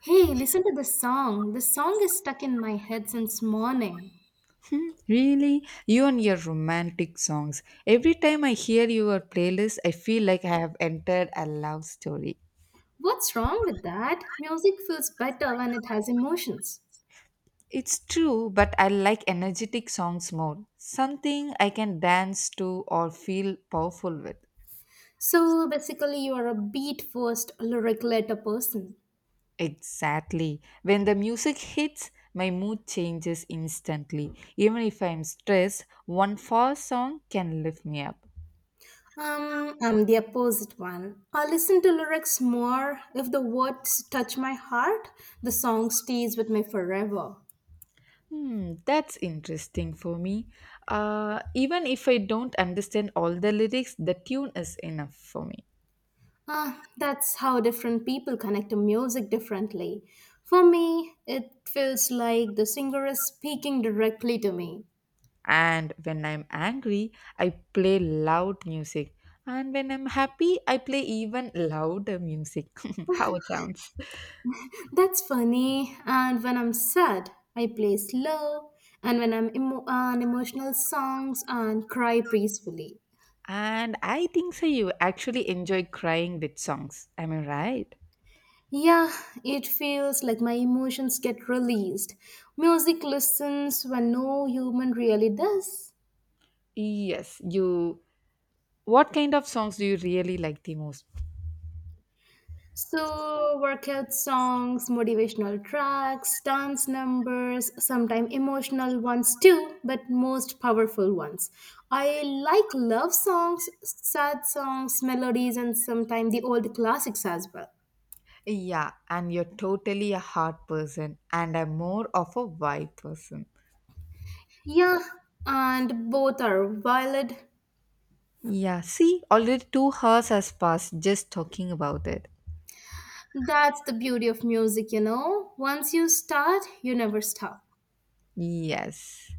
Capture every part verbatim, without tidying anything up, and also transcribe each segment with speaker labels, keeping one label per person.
Speaker 1: Hey, listen to this song. This song is stuck in my head since morning.
Speaker 2: Hmm, really? You and your romantic songs. Every time I hear your playlist, I feel like I have entered a love story.
Speaker 1: What's wrong with that? Music feels better when it has emotions.
Speaker 2: It's true, but I like energetic songs more. Something I can dance to or feel powerful with.
Speaker 1: So basically, you are a beat first, lyric later person.
Speaker 2: Exactly. When the music hits, my mood changes instantly. Even if I'm stressed, one fast song can lift me up.
Speaker 1: Um, I'm the opposite one. I listen to lyrics more. If the words touch my heart, the song stays with me forever.
Speaker 2: Hmm, that's interesting for me. Uh, even if I don't understand all the lyrics, the tune is enough for me.
Speaker 1: Ah, that's how different people connect to music differently. For me, it feels like the singer is speaking directly to me.
Speaker 2: And when I'm angry, I play loud music. And when I'm happy, I play even louder music. How it sounds.
Speaker 1: That's funny. And when I'm sad, I play slow. And when I'm emo- on emotional songs and cry peacefully.
Speaker 2: And I think so you actually enjoy crying with songs. Am I right?
Speaker 1: Yeah, it feels like my emotions get released. Music listens when no human really does.
Speaker 2: Yes, you. What kind of songs do you really like the most?
Speaker 1: So, workout songs, motivational tracks, dance numbers, sometimes emotional ones too, but most powerful ones. I like love songs, sad songs, melodies, and sometimes the old classics as well.
Speaker 2: Yeah, and you're totally a heart person, and I'm more of a vibe person.
Speaker 1: Yeah, and both are valid.
Speaker 2: Yeah, see, already two hours has passed just talking about it.
Speaker 1: That's the beauty of music, you know. Once you start, you never stop.
Speaker 2: Yes.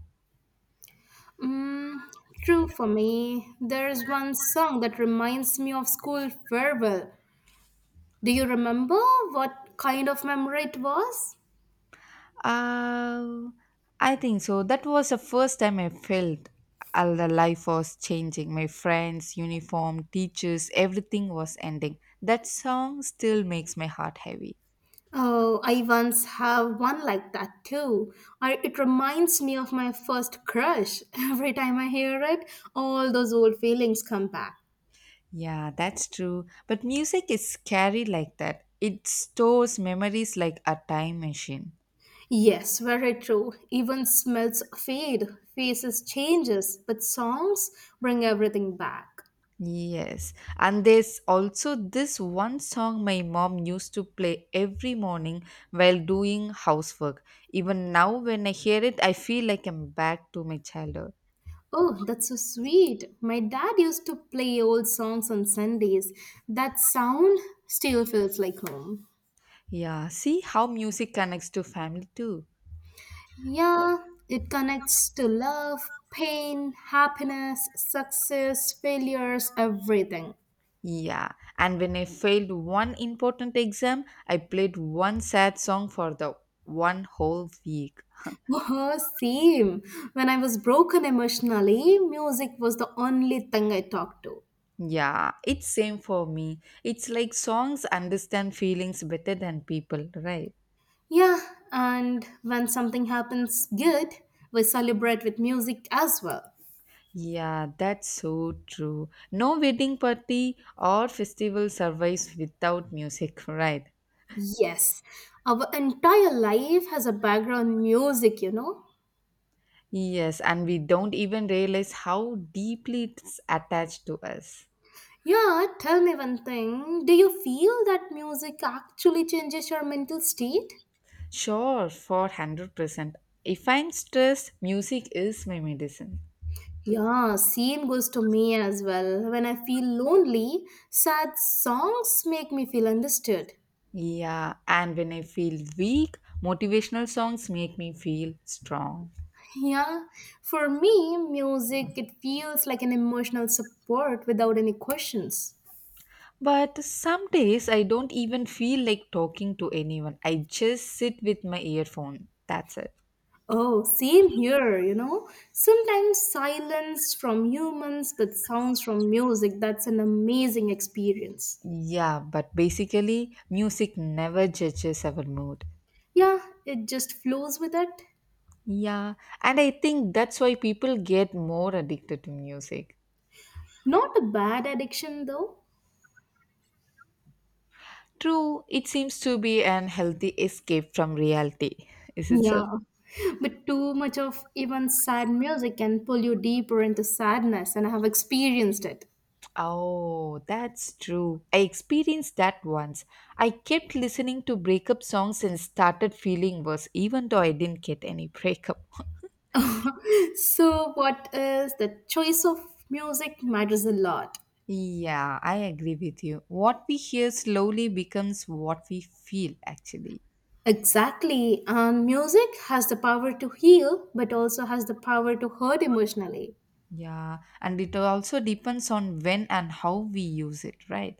Speaker 1: Mm, true for me. There is one song that reminds me of school farewell. Do you remember what kind of memory it was?
Speaker 2: Uh, I think so. That was the first time I felt all the life was changing. My friends, uniform, teachers, everything was ending. That song still makes my heart heavy.
Speaker 1: Oh, I once have one like that too. I, it reminds me of my first crush. Every time I hear it, all those old feelings come back.
Speaker 2: Yeah, that's true. But music is scary like that. It stores memories like a time machine.
Speaker 1: Yes, very true. Even smells fade, faces changes, but songs bring everything back.
Speaker 2: Yes, and there's also this one song my mom used to play every morning while doing housework. Even now, when I hear it, I feel like I'm back to my childhood.
Speaker 1: Oh, that's so sweet. My dad used to play old songs on Sundays. That sound still feels like home.
Speaker 2: Yeah, see how music connects to family too.
Speaker 1: Yeah, it connects to love, pain, happiness, success, failures, everything.
Speaker 2: Yeah, and when I failed one important exam, I played one sad song for the one whole week.
Speaker 1: Oh, same. When I was broken emotionally, music was the only thing I talked to.
Speaker 2: Yeah, it's same for me. It's like songs understand feelings better than people, right?
Speaker 1: Yeah, and when something happens good, we celebrate with music as well.
Speaker 2: Yeah, that's so true. No wedding party or festival survives without music, right?
Speaker 1: Yes, our entire life has a background music, you know.
Speaker 2: Yes, and we don't even realize how deeply it's attached to us.
Speaker 1: Yeah, tell me one thing. Do you feel that music actually changes your mental state?
Speaker 2: Sure, for one hundred percent. If I'm stressed, music is my medicine.
Speaker 1: Yeah, same goes to me as well. When I feel lonely, sad songs make me feel understood.
Speaker 2: Yeah, and when I feel weak, motivational songs make me feel strong.
Speaker 1: Yeah, for me, music, it feels like an emotional support without any questions.
Speaker 2: But some days I don't even feel like talking to anyone. I just sit with my earphone. That's it.
Speaker 1: Oh, same here, you know. Sometimes silence from humans, but sounds from music, that's an amazing experience.
Speaker 2: Yeah, but basically, music never judges our mood.
Speaker 1: Yeah, it just flows with it.
Speaker 2: Yeah, and I think that's why people get more addicted to music.
Speaker 1: Not a bad addiction though.
Speaker 2: True, it seems to be an healthy escape from reality. Is it so?
Speaker 1: Yeah, but too much of even sad music can pull you deeper into sadness, and I have experienced it.
Speaker 2: Oh, that's true. I experienced that once. I kept listening to breakup songs and started feeling worse, even though I didn't get any breakup.
Speaker 1: So, what is the choice of music matters a lot.
Speaker 2: Yeah, I agree with you. What we hear slowly becomes what we feel, actually.
Speaker 1: Exactly, and music has the power to heal, but also has the power to hurt emotionally.
Speaker 2: Yeah, and it also depends on when and how we use it, right?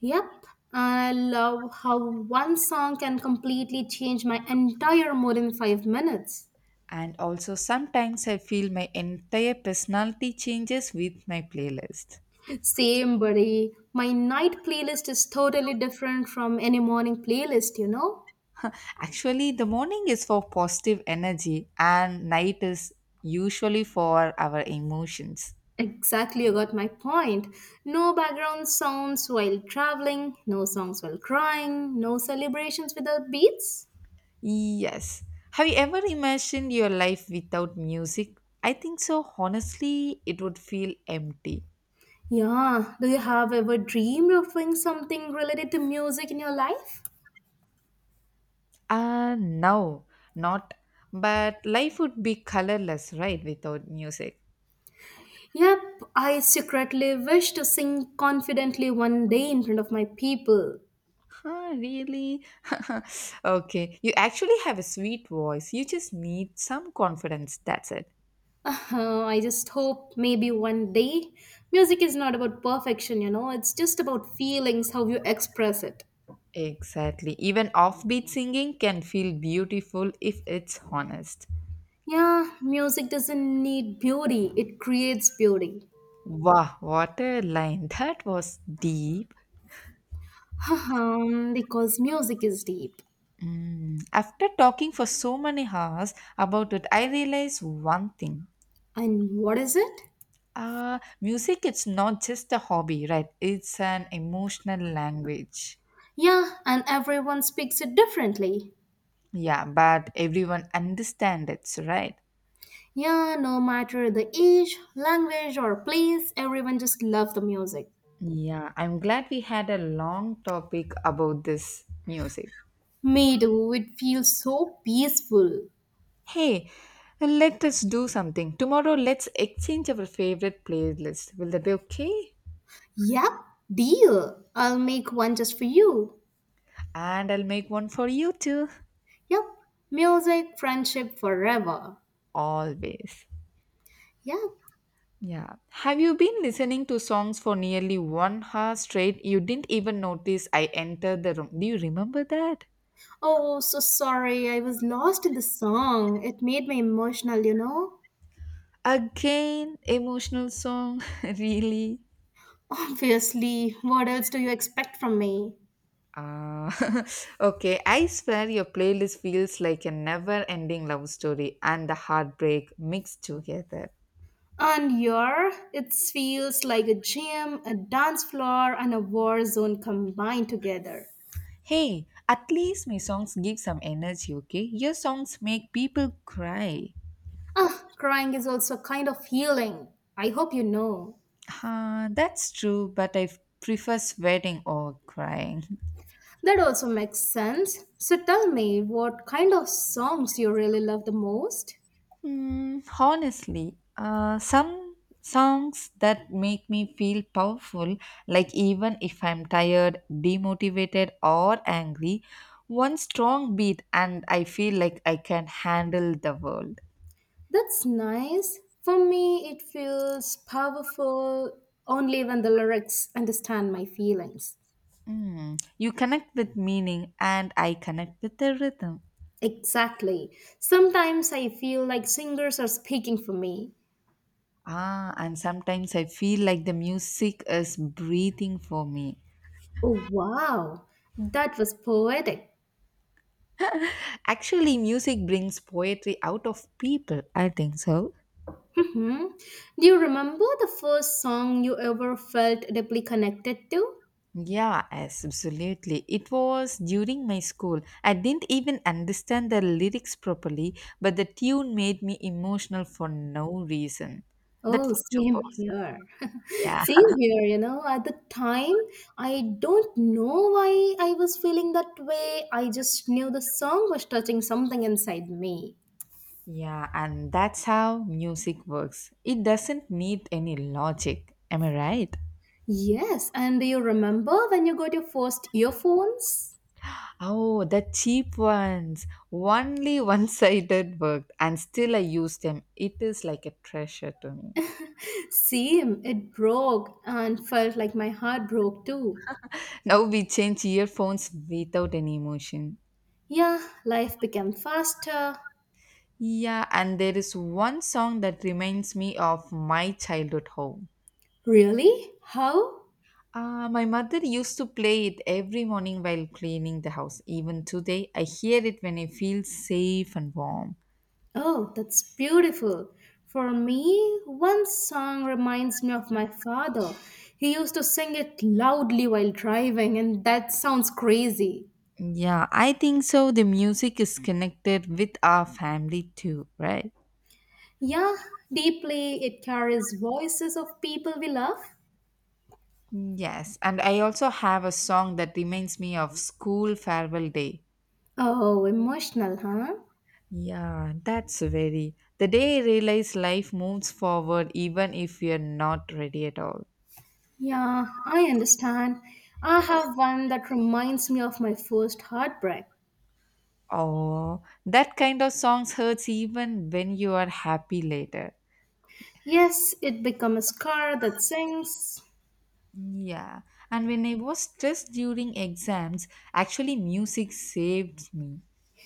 Speaker 1: Yep, I love how one song can completely change my entire mood in five minutes.
Speaker 2: And also, sometimes I feel my entire personality changes with my playlist.
Speaker 1: Same, buddy. My night playlist is totally different from any morning playlist, you know?
Speaker 2: Actually, the morning is for positive energy, and night is usually for our emotions.
Speaker 1: Exactly, you got my point. No background sounds while traveling, no songs while crying, no celebrations without beats.
Speaker 2: Yes. Have you ever imagined your life without music? I think so. Honestly, it would feel empty.
Speaker 1: Yeah, do you have ever dreamed of doing something related to music in your life?
Speaker 2: Uh, no, not. But life would be colorless, right, without music.
Speaker 1: Yep, I secretly wish to sing confidently one day in front of my people.
Speaker 2: Huh, really? Okay, you actually have a sweet voice. You just need some confidence. That's it.
Speaker 1: Uh, I just hope maybe one day music is not about perfection, you know, it's just about feelings, how you express it.
Speaker 2: Exactly. Even offbeat singing can feel beautiful if it's honest.
Speaker 1: Yeah, music doesn't need beauty, it creates beauty.
Speaker 2: Wow, what a line. That was deep.
Speaker 1: Um, because music is deep.
Speaker 2: Mm. After talking for so many hours about it, I realized one thing.
Speaker 1: And what is it?
Speaker 2: Uh, music, it's not just a hobby, right? It's an emotional language.
Speaker 1: Yeah, and everyone speaks it differently.
Speaker 2: Yeah, but everyone understands it, right?
Speaker 1: Yeah, no matter the age, language, or place, everyone just loves the music.
Speaker 2: Yeah, I'm glad we had a long topic about this music.
Speaker 1: Me too, it feels so peaceful.
Speaker 2: Hey, let us do something. Tomorrow, let's exchange our favorite playlist. Will that be okay?
Speaker 1: Yep, deal. I'll make one just for you.
Speaker 2: And I'll make one for you too.
Speaker 1: Yep, music, friendship forever.
Speaker 2: Always.
Speaker 1: Yep.
Speaker 2: Yeah. Have you been listening to songs for nearly one hour straight? You didn't even notice I entered the room. Do you remember that?
Speaker 1: Oh, so sorry. I was lost in the song. It made me emotional, you know?
Speaker 2: Again, emotional song. Really?
Speaker 1: Obviously, what else do you expect from me?
Speaker 2: Ah, okay. I swear your playlist feels like a never ending love story and the heartbreak mixed together.
Speaker 1: And your, it feels like a gym, a dance floor, and a war zone combined together.
Speaker 2: Hey, at least my songs give some energy, okay? Your songs make people cry.
Speaker 1: Ah, crying is also a kind of healing. I hope you know.
Speaker 2: Ah, that's true, but I f- prefer sweating or crying.
Speaker 1: That also makes sense. So tell me, what kind of songs you really love the most?
Speaker 2: Mm, honestly, uh, some songs that make me feel powerful, like even if I'm tired, demotivated, or angry, one strong beat and I feel like I can handle the world.
Speaker 1: That's nice. For me, it feels powerful only when the lyrics understand my feelings.
Speaker 2: Mm, you connect with meaning, and I connect with the rhythm.
Speaker 1: Exactly. Sometimes I feel like singers are speaking for me.
Speaker 2: Ah, and sometimes I feel like the music is breathing for me.
Speaker 1: Oh, wow. That was poetic.
Speaker 2: Actually, music brings poetry out of people, I think so.
Speaker 1: Mhm. Do you remember the first song you ever felt deeply connected to?
Speaker 2: Yeah, yes, absolutely. It was during my school. I didn't even understand the lyrics properly, but the tune made me emotional for no reason. That
Speaker 1: Oh,
Speaker 2: was too
Speaker 1: same
Speaker 2: personal.
Speaker 1: here.
Speaker 2: Yeah.
Speaker 1: Same here, you know. At the time, I don't know why I was feeling that way. I just knew the song was touching something inside me.
Speaker 2: Yeah, and that's how music works. It doesn't need any logic. Am I right?
Speaker 1: Yes, and do you remember when you got your first earphones?
Speaker 2: Oh, the cheap ones. Only one sided worked, and still I use them. It is like a treasure to me.
Speaker 1: Same, it broke and felt like my heart broke too.
Speaker 2: Now we change earphones without any emotion.
Speaker 1: Yeah, life became faster.
Speaker 2: Yeah, and there is one song that reminds me of my childhood home.
Speaker 1: Really? How?
Speaker 2: Uh, my mother used to play it every morning while cleaning the house. Even today, I hear it when I feel safe and warm.
Speaker 1: Oh, that's beautiful. For me, one song reminds me of my father. He used to sing it loudly while driving, and that sounds crazy.
Speaker 2: Yeah, I think so. The music is connected with our family too, right?
Speaker 1: Yeah, deeply, it carries voices of people we love.
Speaker 2: Yes, and I also have a song that reminds me of school farewell day.
Speaker 1: Oh, emotional, huh?
Speaker 2: Yeah, that's very. The day I realize life moves forward even if we are not ready at all.
Speaker 1: Yeah, I understand. I have one that reminds me of my first heartbreak.
Speaker 2: Oh, that kind of songs hurts even when you are happy later.
Speaker 1: Yes, it became a scar that sings.
Speaker 2: Yeah, and when I was stressed during exams, actually music saved me.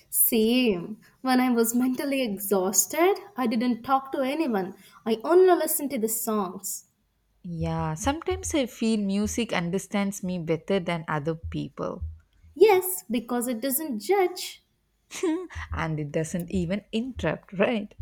Speaker 1: Same. When I was mentally exhausted, I didn't talk to anyone. I only listened to the songs.
Speaker 2: Yeah, sometimes I feel music understands me better than other people.
Speaker 1: Yes, because it doesn't judge.
Speaker 2: And it doesn't even interrupt, right?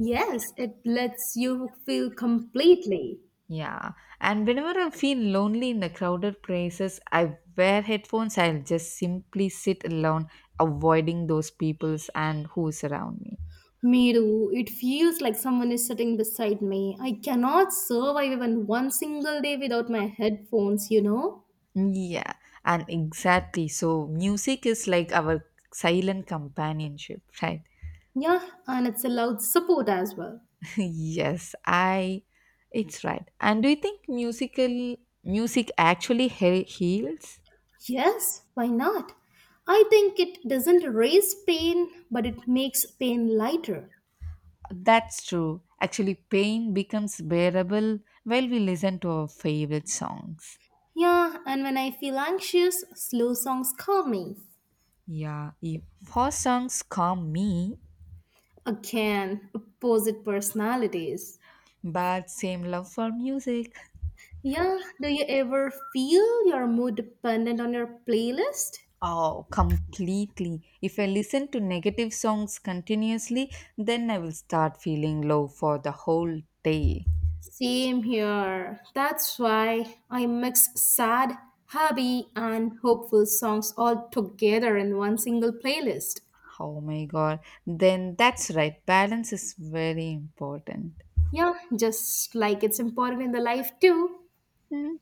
Speaker 1: Yes, it lets you feel completely.
Speaker 2: Yeah, and whenever I feel lonely in the crowded places, I wear headphones. I'll just simply sit alone, avoiding those peoples and who's around me.
Speaker 1: Me too. It feels like someone is sitting beside me. I cannot survive even one single day without my headphones, you know?
Speaker 2: Yeah, and exactly. So, music is like our silent companionship, right?
Speaker 1: Yeah, and it's allowed support as well.
Speaker 2: Yes, I. It's right. And do you think musical music actually he- heals?
Speaker 1: Yes, why not? I think it doesn't erase pain, but it makes pain lighter.
Speaker 2: That's true. Actually, pain becomes bearable while we listen to our favorite songs.
Speaker 1: Yeah, and when I feel anxious, slow songs calm me.
Speaker 2: Yeah, if- for songs calm me,
Speaker 1: Again, opposite personalities.
Speaker 2: but same love for music.
Speaker 1: Yeah, do you ever feel your mood dependent on your playlist?
Speaker 2: Oh, completely. If I listen to negative songs continuously, then I will start feeling low for the whole day.
Speaker 1: Same here. That's why I mix sad, happy, and hopeful songs all together in one single playlist.
Speaker 2: Oh my god. Then that's right. Balance is very important.
Speaker 1: Yeah, just like it's important in the life too.
Speaker 2: Hmm.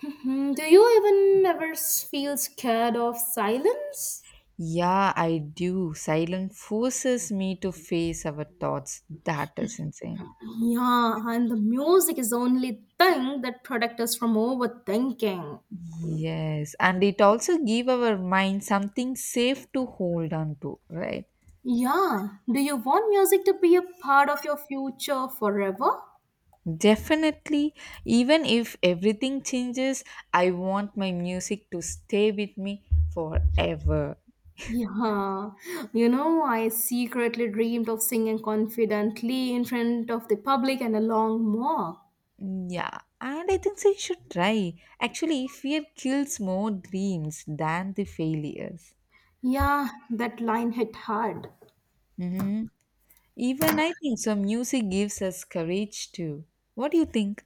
Speaker 1: Hmm, do you even ever s- feel scared of silence?
Speaker 2: Yeah, I do. Silence forces me to face our thoughts. That is insane.
Speaker 1: Yeah, and the music is the only thing that protects us from overthinking.
Speaker 2: Yes, and it also give our mind something safe to hold on to, right?
Speaker 1: Yeah, do you want music to be a part of your future forever?
Speaker 2: Definitely, even if everything changes, I want my music to stay with me forever.
Speaker 1: Yeah, you know, I secretly dreamed of singing confidently in front of the public and a long walk.
Speaker 2: Yeah, and I think so you should try. Actually, fear kills more dreams than the failures.
Speaker 1: Yeah, that line hit hard.
Speaker 2: Even I think so, music gives us courage too. What do you think?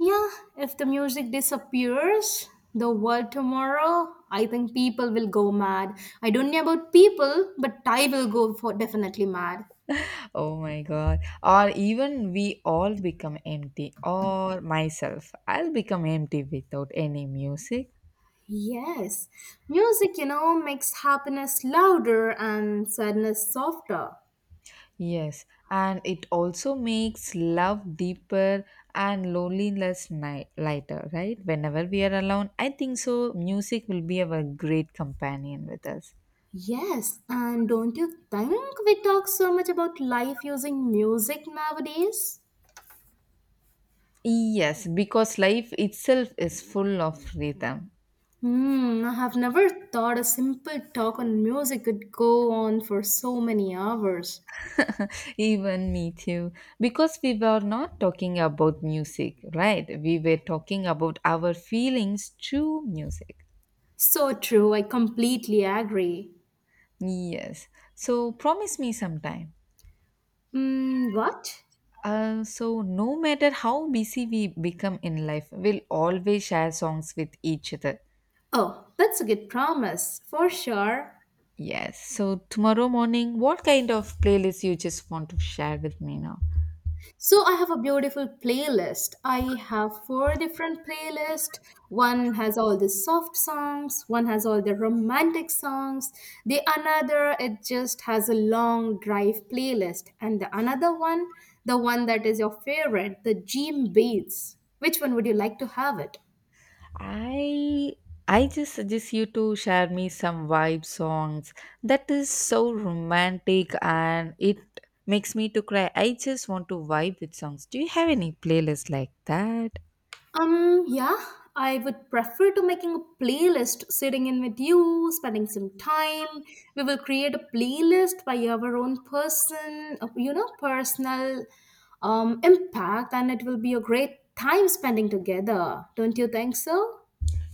Speaker 1: Yeah, if the music disappears, the world tomorrow, I think people will go mad. I don't know about people, but I will go for definitely mad.
Speaker 2: Oh my god. Or even we all become empty, or myself. I'll become empty without any music.
Speaker 1: Yes, music, you know, makes happiness louder and sadness softer.
Speaker 2: Yes, and it also makes love deeper and loneliness ni- lighter, right? Whenever we are alone, I think so. Music will be our great companion with us.
Speaker 1: Yes, and don't you think we talk so much about life using music nowadays?
Speaker 2: Yes, because life itself is full of rhythm.
Speaker 1: Hmm, I have never thought a simple talk on music could go on for so many hours.
Speaker 2: Even me too. Because we were not talking about music, right? We were talking about our feelings through music.
Speaker 1: So true, I completely agree.
Speaker 2: Yes. So promise me sometime.
Speaker 1: Mm, what?
Speaker 2: Uh, so no matter how busy we become in life, we'll always share songs with each other.
Speaker 1: Oh, that's a good promise, for sure.
Speaker 2: Yes. So tomorrow morning, what kind of playlist you just want to share with me now?
Speaker 1: So I have a beautiful playlist. I have four different playlists. One has all the soft songs, one has all the romantic songs. The another it just has a long drive playlist and the another one, the one that is your favorite, the gym beats. Which one would you like to have it?
Speaker 2: I I just suggest you to share me some vibe songs that is so romantic and it makes me to cry. I just want to vibe with songs. Do you have any playlist like that?
Speaker 1: Um, yeah, I would prefer to making a playlist, sitting in with you, spending some time. We will create a playlist by our own person, uh, you know, personal um, impact, and it will be a great time spending together. Don't you think so?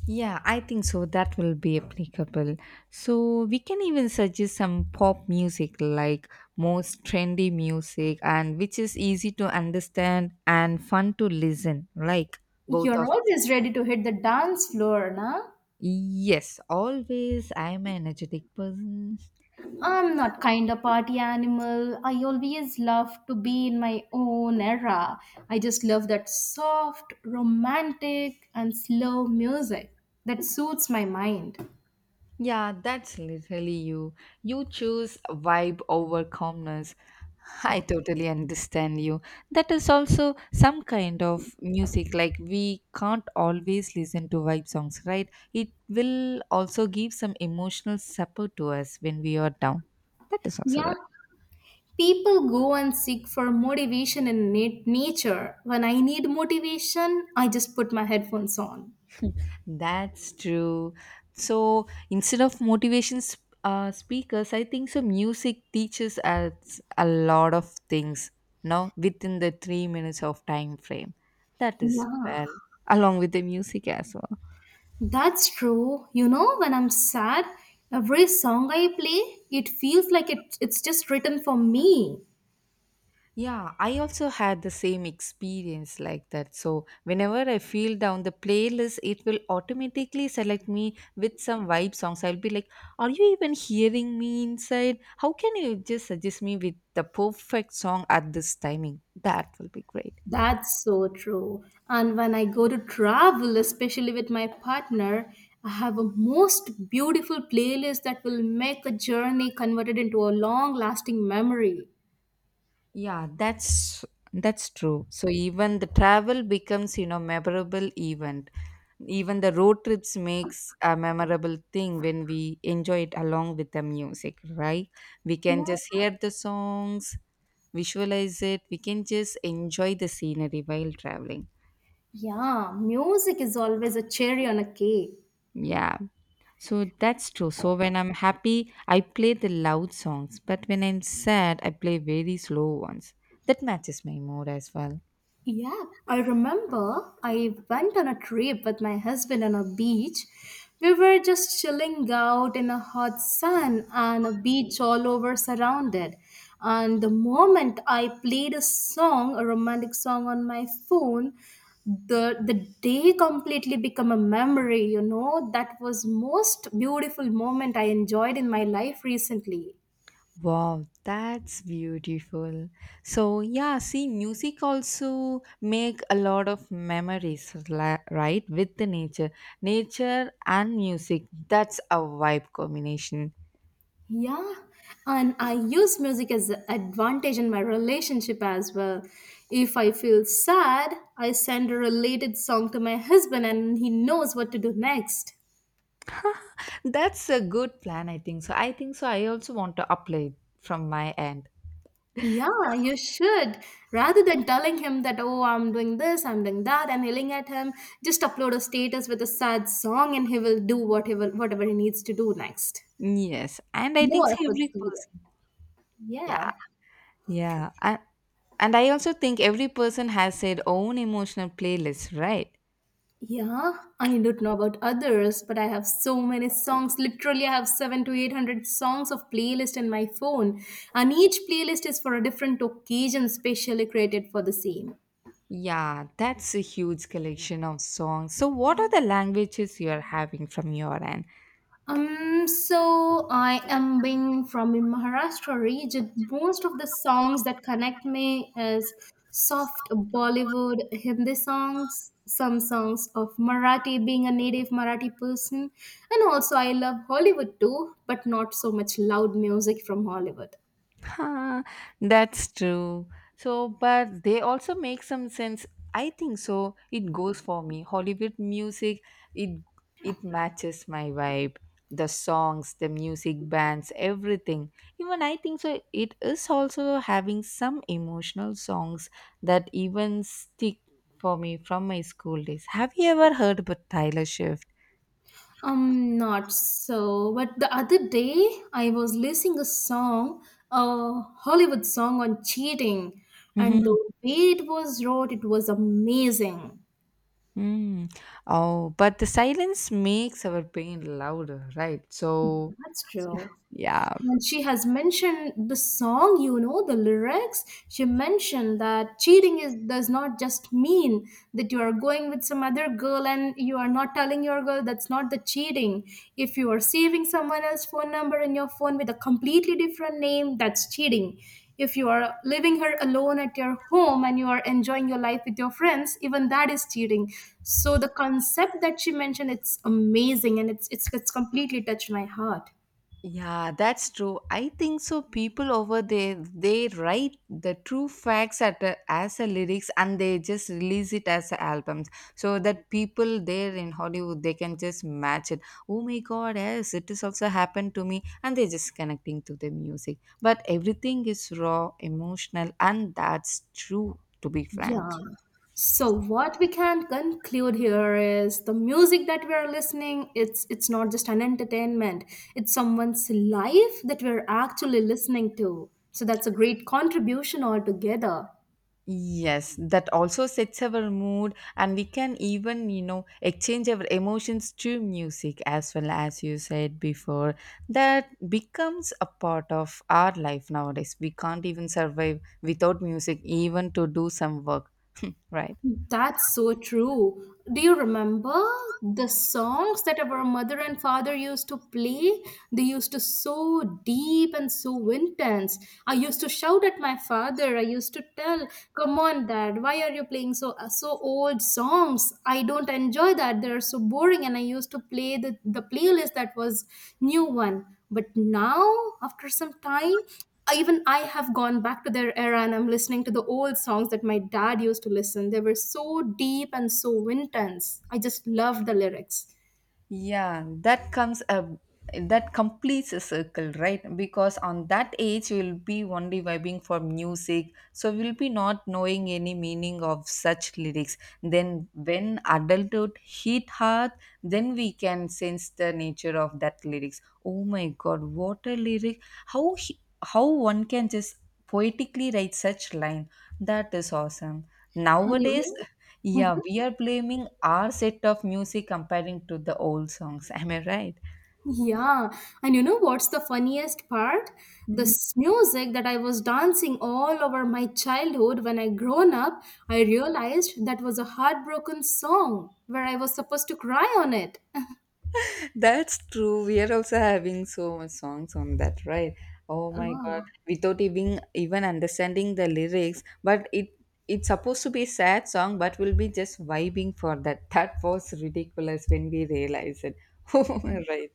Speaker 2: Yeah, I think so. That will be applicable. So we can even suggest some pop music, like most trendy music, and which is easy to understand and fun to listen. Like both
Speaker 1: You're
Speaker 2: of us.
Speaker 1: always ready to hit the dance floor, nah?
Speaker 2: Yes, always. I'm an energetic person.
Speaker 1: I'm not kind of party animal. I always love to be in my own era. I just love that soft, romantic, and slow music that suits my mind.
Speaker 2: Yeah, that's literally you. You choose vibe over calmness.
Speaker 1: Yeah.
Speaker 2: I totally understand you. That is also some kind of music. Like, we can't always listen to vibe songs, right? It will also give some emotional support to us when we are down. That is also
Speaker 1: Yeah. People go and seek for motivation in nat- nature. When I need motivation, I just put my headphones on.
Speaker 2: That's true. So instead of motivation sp- uh, speakers, I think so. Music teaches us a lot of things now within the three minutes of time frame. That is
Speaker 1: Yeah,
Speaker 2: well, along with the music as well.
Speaker 1: that's true. You know, when I'm sad, every song I play, it feels like it, it's just written for me.
Speaker 2: Yeah, I also had the same experience like that. So, whenever I feel down, the playlist it will automatically select me with some vibe songs. I'll be like, "Are you even hearing me inside? How can you just suggest me with the perfect song at this timing?" That will be great.
Speaker 1: That's so true. And when I go to travel, especially with my partner, I have a most beautiful playlist that will make a journey converted into a long lasting memory.
Speaker 2: Yeah, that's that's true. So even the travel becomes, you know, memorable event. Even the road trips makes a memorable thing when we enjoy it along with the music, right? We
Speaker 1: Yeah.
Speaker 2: can just hear the songs, visualize it, we can just enjoy the scenery while traveling.
Speaker 1: Yeah, music is always a cherry on a cake.
Speaker 2: Yeah. So that's true. So when I'm happy, I play the loud songs, but when I'm sad, I play very slow ones. That matches my mood as well.
Speaker 1: Yeah, I remember I went on a trip with my husband on a beach. We were just chilling out in a hot sun and a beach all over surrounded. And the moment I played a song, a romantic song on my phone, the the day completely become a memory, you know. That was most beautiful moment I enjoyed in my life recently.
Speaker 2: Wow, that's beautiful. So yeah, see, music also make a lot of memories, la- right? With the nature, nature and music. That's a vibe combination.
Speaker 1: Yeah, and I use music as an advantage in my relationship as well. If I feel sad, I send a related song to my husband and he knows what to do next.
Speaker 2: That's a good plan, I think. So I think so. I also want to apply it from my end.
Speaker 1: Yeah, you should. Rather than telling him that, oh, I'm doing this, I'm doing that, and yelling at him, just upload a status with a sad song and he will do whatever whatever he needs to do next.
Speaker 2: Yes, and I
Speaker 1: No
Speaker 2: think so
Speaker 1: efforts
Speaker 2: every
Speaker 1: needed.
Speaker 2: person. Yeah,
Speaker 1: Yeah.
Speaker 2: yeah, and and I also think every person has their own emotional playlist, right?
Speaker 1: Yeah, I don't know about others, but I have so many songs. Literally, I have seven to eight hundred songs of playlist in my phone, and each playlist is for a different occasion specially created for the same.
Speaker 2: Yeah, that's a huge collection of songs. So, what are the languages you're having from your end?
Speaker 1: Um, so I am being from in Maharashtra region. Most of the songs that connect me is soft Bollywood Hindi songs, some songs of Marathi, being a native Marathi person, and also I love Hollywood too, but not so much loud music from Hollywood.
Speaker 2: Huh, that's true. So, but they also make some sense. I think so. It goes for me. Hollywood music, it it matches my vibe. The songs, the music bands, everything. Even I think so. It is also having some emotional songs that even stick for me from my school days. Have you ever heard about Tyler Swift?
Speaker 1: Um, not so. But the other day, I was listening a song, a Hollywood song on cheating, and the
Speaker 2: Mhm.
Speaker 1: way it was wrote, it was amazing.
Speaker 2: Mm. Oh, but the silence makes our pain louder, right? So,
Speaker 1: That's true.
Speaker 2: yeah.
Speaker 1: And she has mentioned the song, you know, the lyrics. She mentioned that cheating is does not just mean that you are going with some other girl and you are not telling your girl that's not the cheating. If you are saving someone else's phone number in your phone with a completely different name, that's cheating. If you are leaving her alone at your home and you are enjoying your life with your friends, even that is cheating. So the concept that she mentioned, it's amazing and it's it's, it's completely touched my heart.
Speaker 2: Yeah, that's true. I think so. People over there, they write the true facts at a, as a lyrics and they just release it as a albums so that people there in Hollywood, they can just match it. Oh my God, yes, it has also happened to me. And they're just connecting to the music. But everything is raw, emotional, and that's true, to be frank.
Speaker 1: Yeah. So what we can conclude here is the music that we are listening, it's it's not just an entertainment. It's someone's life that we're actually listening to. So that's a great contribution altogether.
Speaker 2: Yes, that also sets our mood, and we can even, you know, exchange our emotions to music as well as you said before. That becomes a part of our life nowadays. We can't even survive without music, even to do some work, right?
Speaker 1: That's so true. Do you remember the songs that our mother and father used to play? They used to so deep and so intense. I used to shout at my father. I used to tell, "Come on, Dad, why are you playing so so old songs? I don't enjoy that. They are so boring." And I used to play the the playlist that was new one. But now, after some time, even I have gone back to their era and I'm listening to the old songs that my dad used to listen. They were so deep and so intense. I just love the lyrics.
Speaker 2: Yeah, that comes a, that completes a circle, right? Because on that age you will be only vibing for music, so we will be not knowing any meaning of such lyrics. Then when adulthood hit hard, then we can sense the nature of that lyrics. Oh my god, what a lyric. how he- how one can just poetically write such line. That is awesome
Speaker 1: And you
Speaker 2: nowadays.
Speaker 1: know,
Speaker 2: Yeah,
Speaker 1: mhm.
Speaker 2: we are blaming our set of music comparing to the old songs, am I right?
Speaker 1: Yeah, and you know what's the funniest part?
Speaker 2: Mhm.
Speaker 1: This music that I was dancing all over my childhood when I grown up, I realized that was a heartbroken song where I was supposed to cry on it.
Speaker 2: That's true. We are also having so much songs on that, right? Oh my god.
Speaker 1: Oh.
Speaker 2: Without even even understanding the lyrics, but it it's supposed to be a sad song, but we'll be just vibing for that. That was ridiculous when we realize it. Right.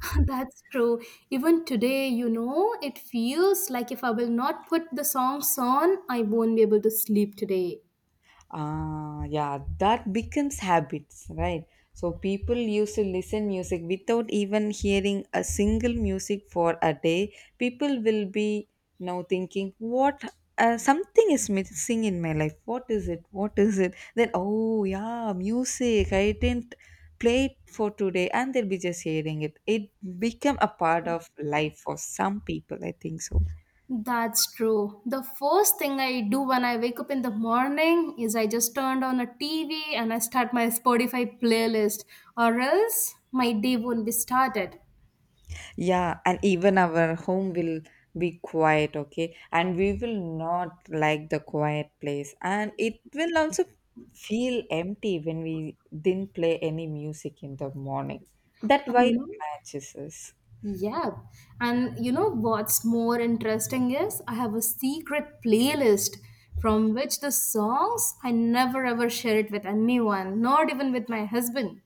Speaker 1: That's true. Even today, you know, it feels like if I will not put the songs on, I won't be able to sleep today.
Speaker 2: Ah, yeah, that becomes habits, right? So people used to listen music without even hearing a single music for a day. People will be now thinking, what, uh, something is missing in my life. What is it? What is it? Then oh yeah, music. I didn't play it for today, and they'll be just hearing it. It become a part of life for some people. I think so.
Speaker 1: That's true. The first thing I do when I wake up in the morning is I just turned on a T V and I start my Spotify playlist, or else my day won't be started.
Speaker 2: Yeah, and even our home will be quiet, okay? And we will not like the quiet place. And it will also feel empty when we didn't play any music in the morning. That
Speaker 1: And you
Speaker 2: why
Speaker 1: know,
Speaker 2: matches us.
Speaker 1: yeah. And you know what's more interesting is I have a secret playlist from which the songs I never ever share it with anyone, not even with my husband.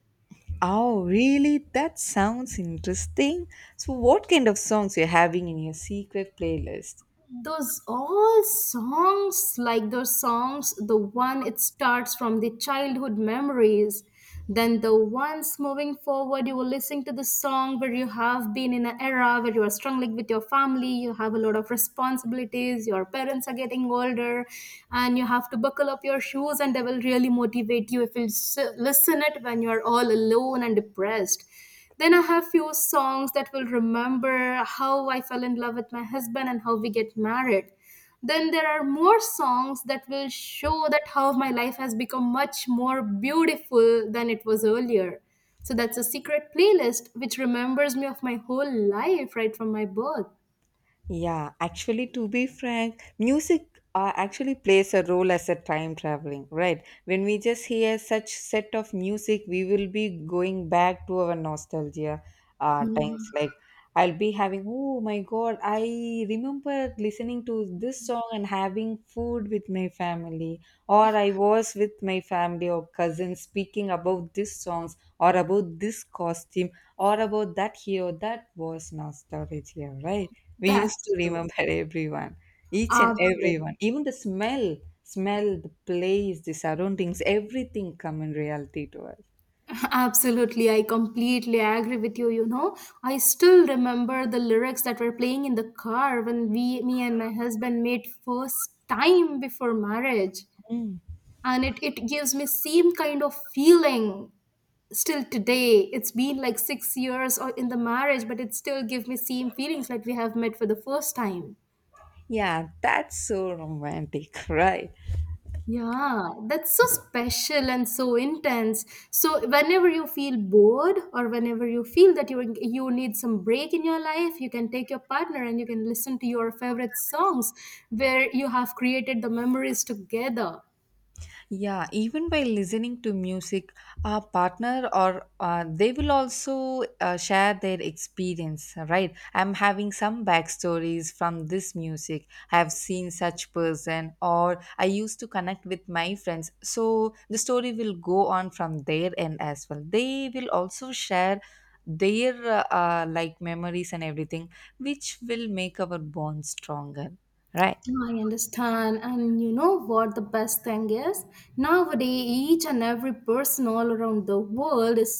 Speaker 2: Oh, really? That sounds interesting. So, what kind of songs you're having in your secret playlist?
Speaker 1: Those all songs, like those songs, the one it starts from the childhood memories, then the ones moving forward you were listening to the song where you have been in an era where you are struggling with your family, you have a lot of responsibilities, your parents are getting older, and you have to buckle up your shoes and they will really motivate you if you s- listen it when you are all alone and depressed. Then I have few songs that will remember how I fell in love with my husband and how we get married. Then there are more songs that will show that how my life has become much more beautiful than it was earlier. So that's a secret playlist which remembers me of my whole life right from my birth.
Speaker 2: Yeah, actually, to be frank, music uh, actually plays a role as a time traveling, right? When we just hear such set of music, we will be going back to our nostalgia uh, times. Like I'll be having, oh my God, I remember listening to this song and having food with my family, or I was with my family or cousins speaking about these songs or about this costume or about that hero. That was nostalgia, right? We used to
Speaker 1: That's true.
Speaker 2: remember everyone, each and
Speaker 1: Absolutely.
Speaker 2: everyone, even the smell. Smell, the place, the surroundings, everything come in reality to us.
Speaker 1: Absolutely, I completely agree with you. You know, I still remember the lyrics that were playing in the car when we, me and my husband made first time before marriage, and it it gives me same kind of feeling still today. It's been like six years or in the marriage, but it still gives me same feelings like we have met for the first time.
Speaker 2: Yeah, that's so romantic. Right.
Speaker 1: Yeah, that's so special and so intense. So whenever you feel bored or whenever you feel that you you need some break in your life, you can take your partner and you can listen to your favorite songs where you have created the memories together.
Speaker 2: Yeah, even by listening to music, our partner or uh, they will also uh, share their experience, right? I'm having some backstories from this music. I've seen such person, or I used to connect with my friends. So the story will go on from their end as well. They will also share their uh, uh, like memories and everything, which will make our bond stronger, right?
Speaker 1: I understand. And you know what the best thing is? Nowadays, each and every person all around the world is so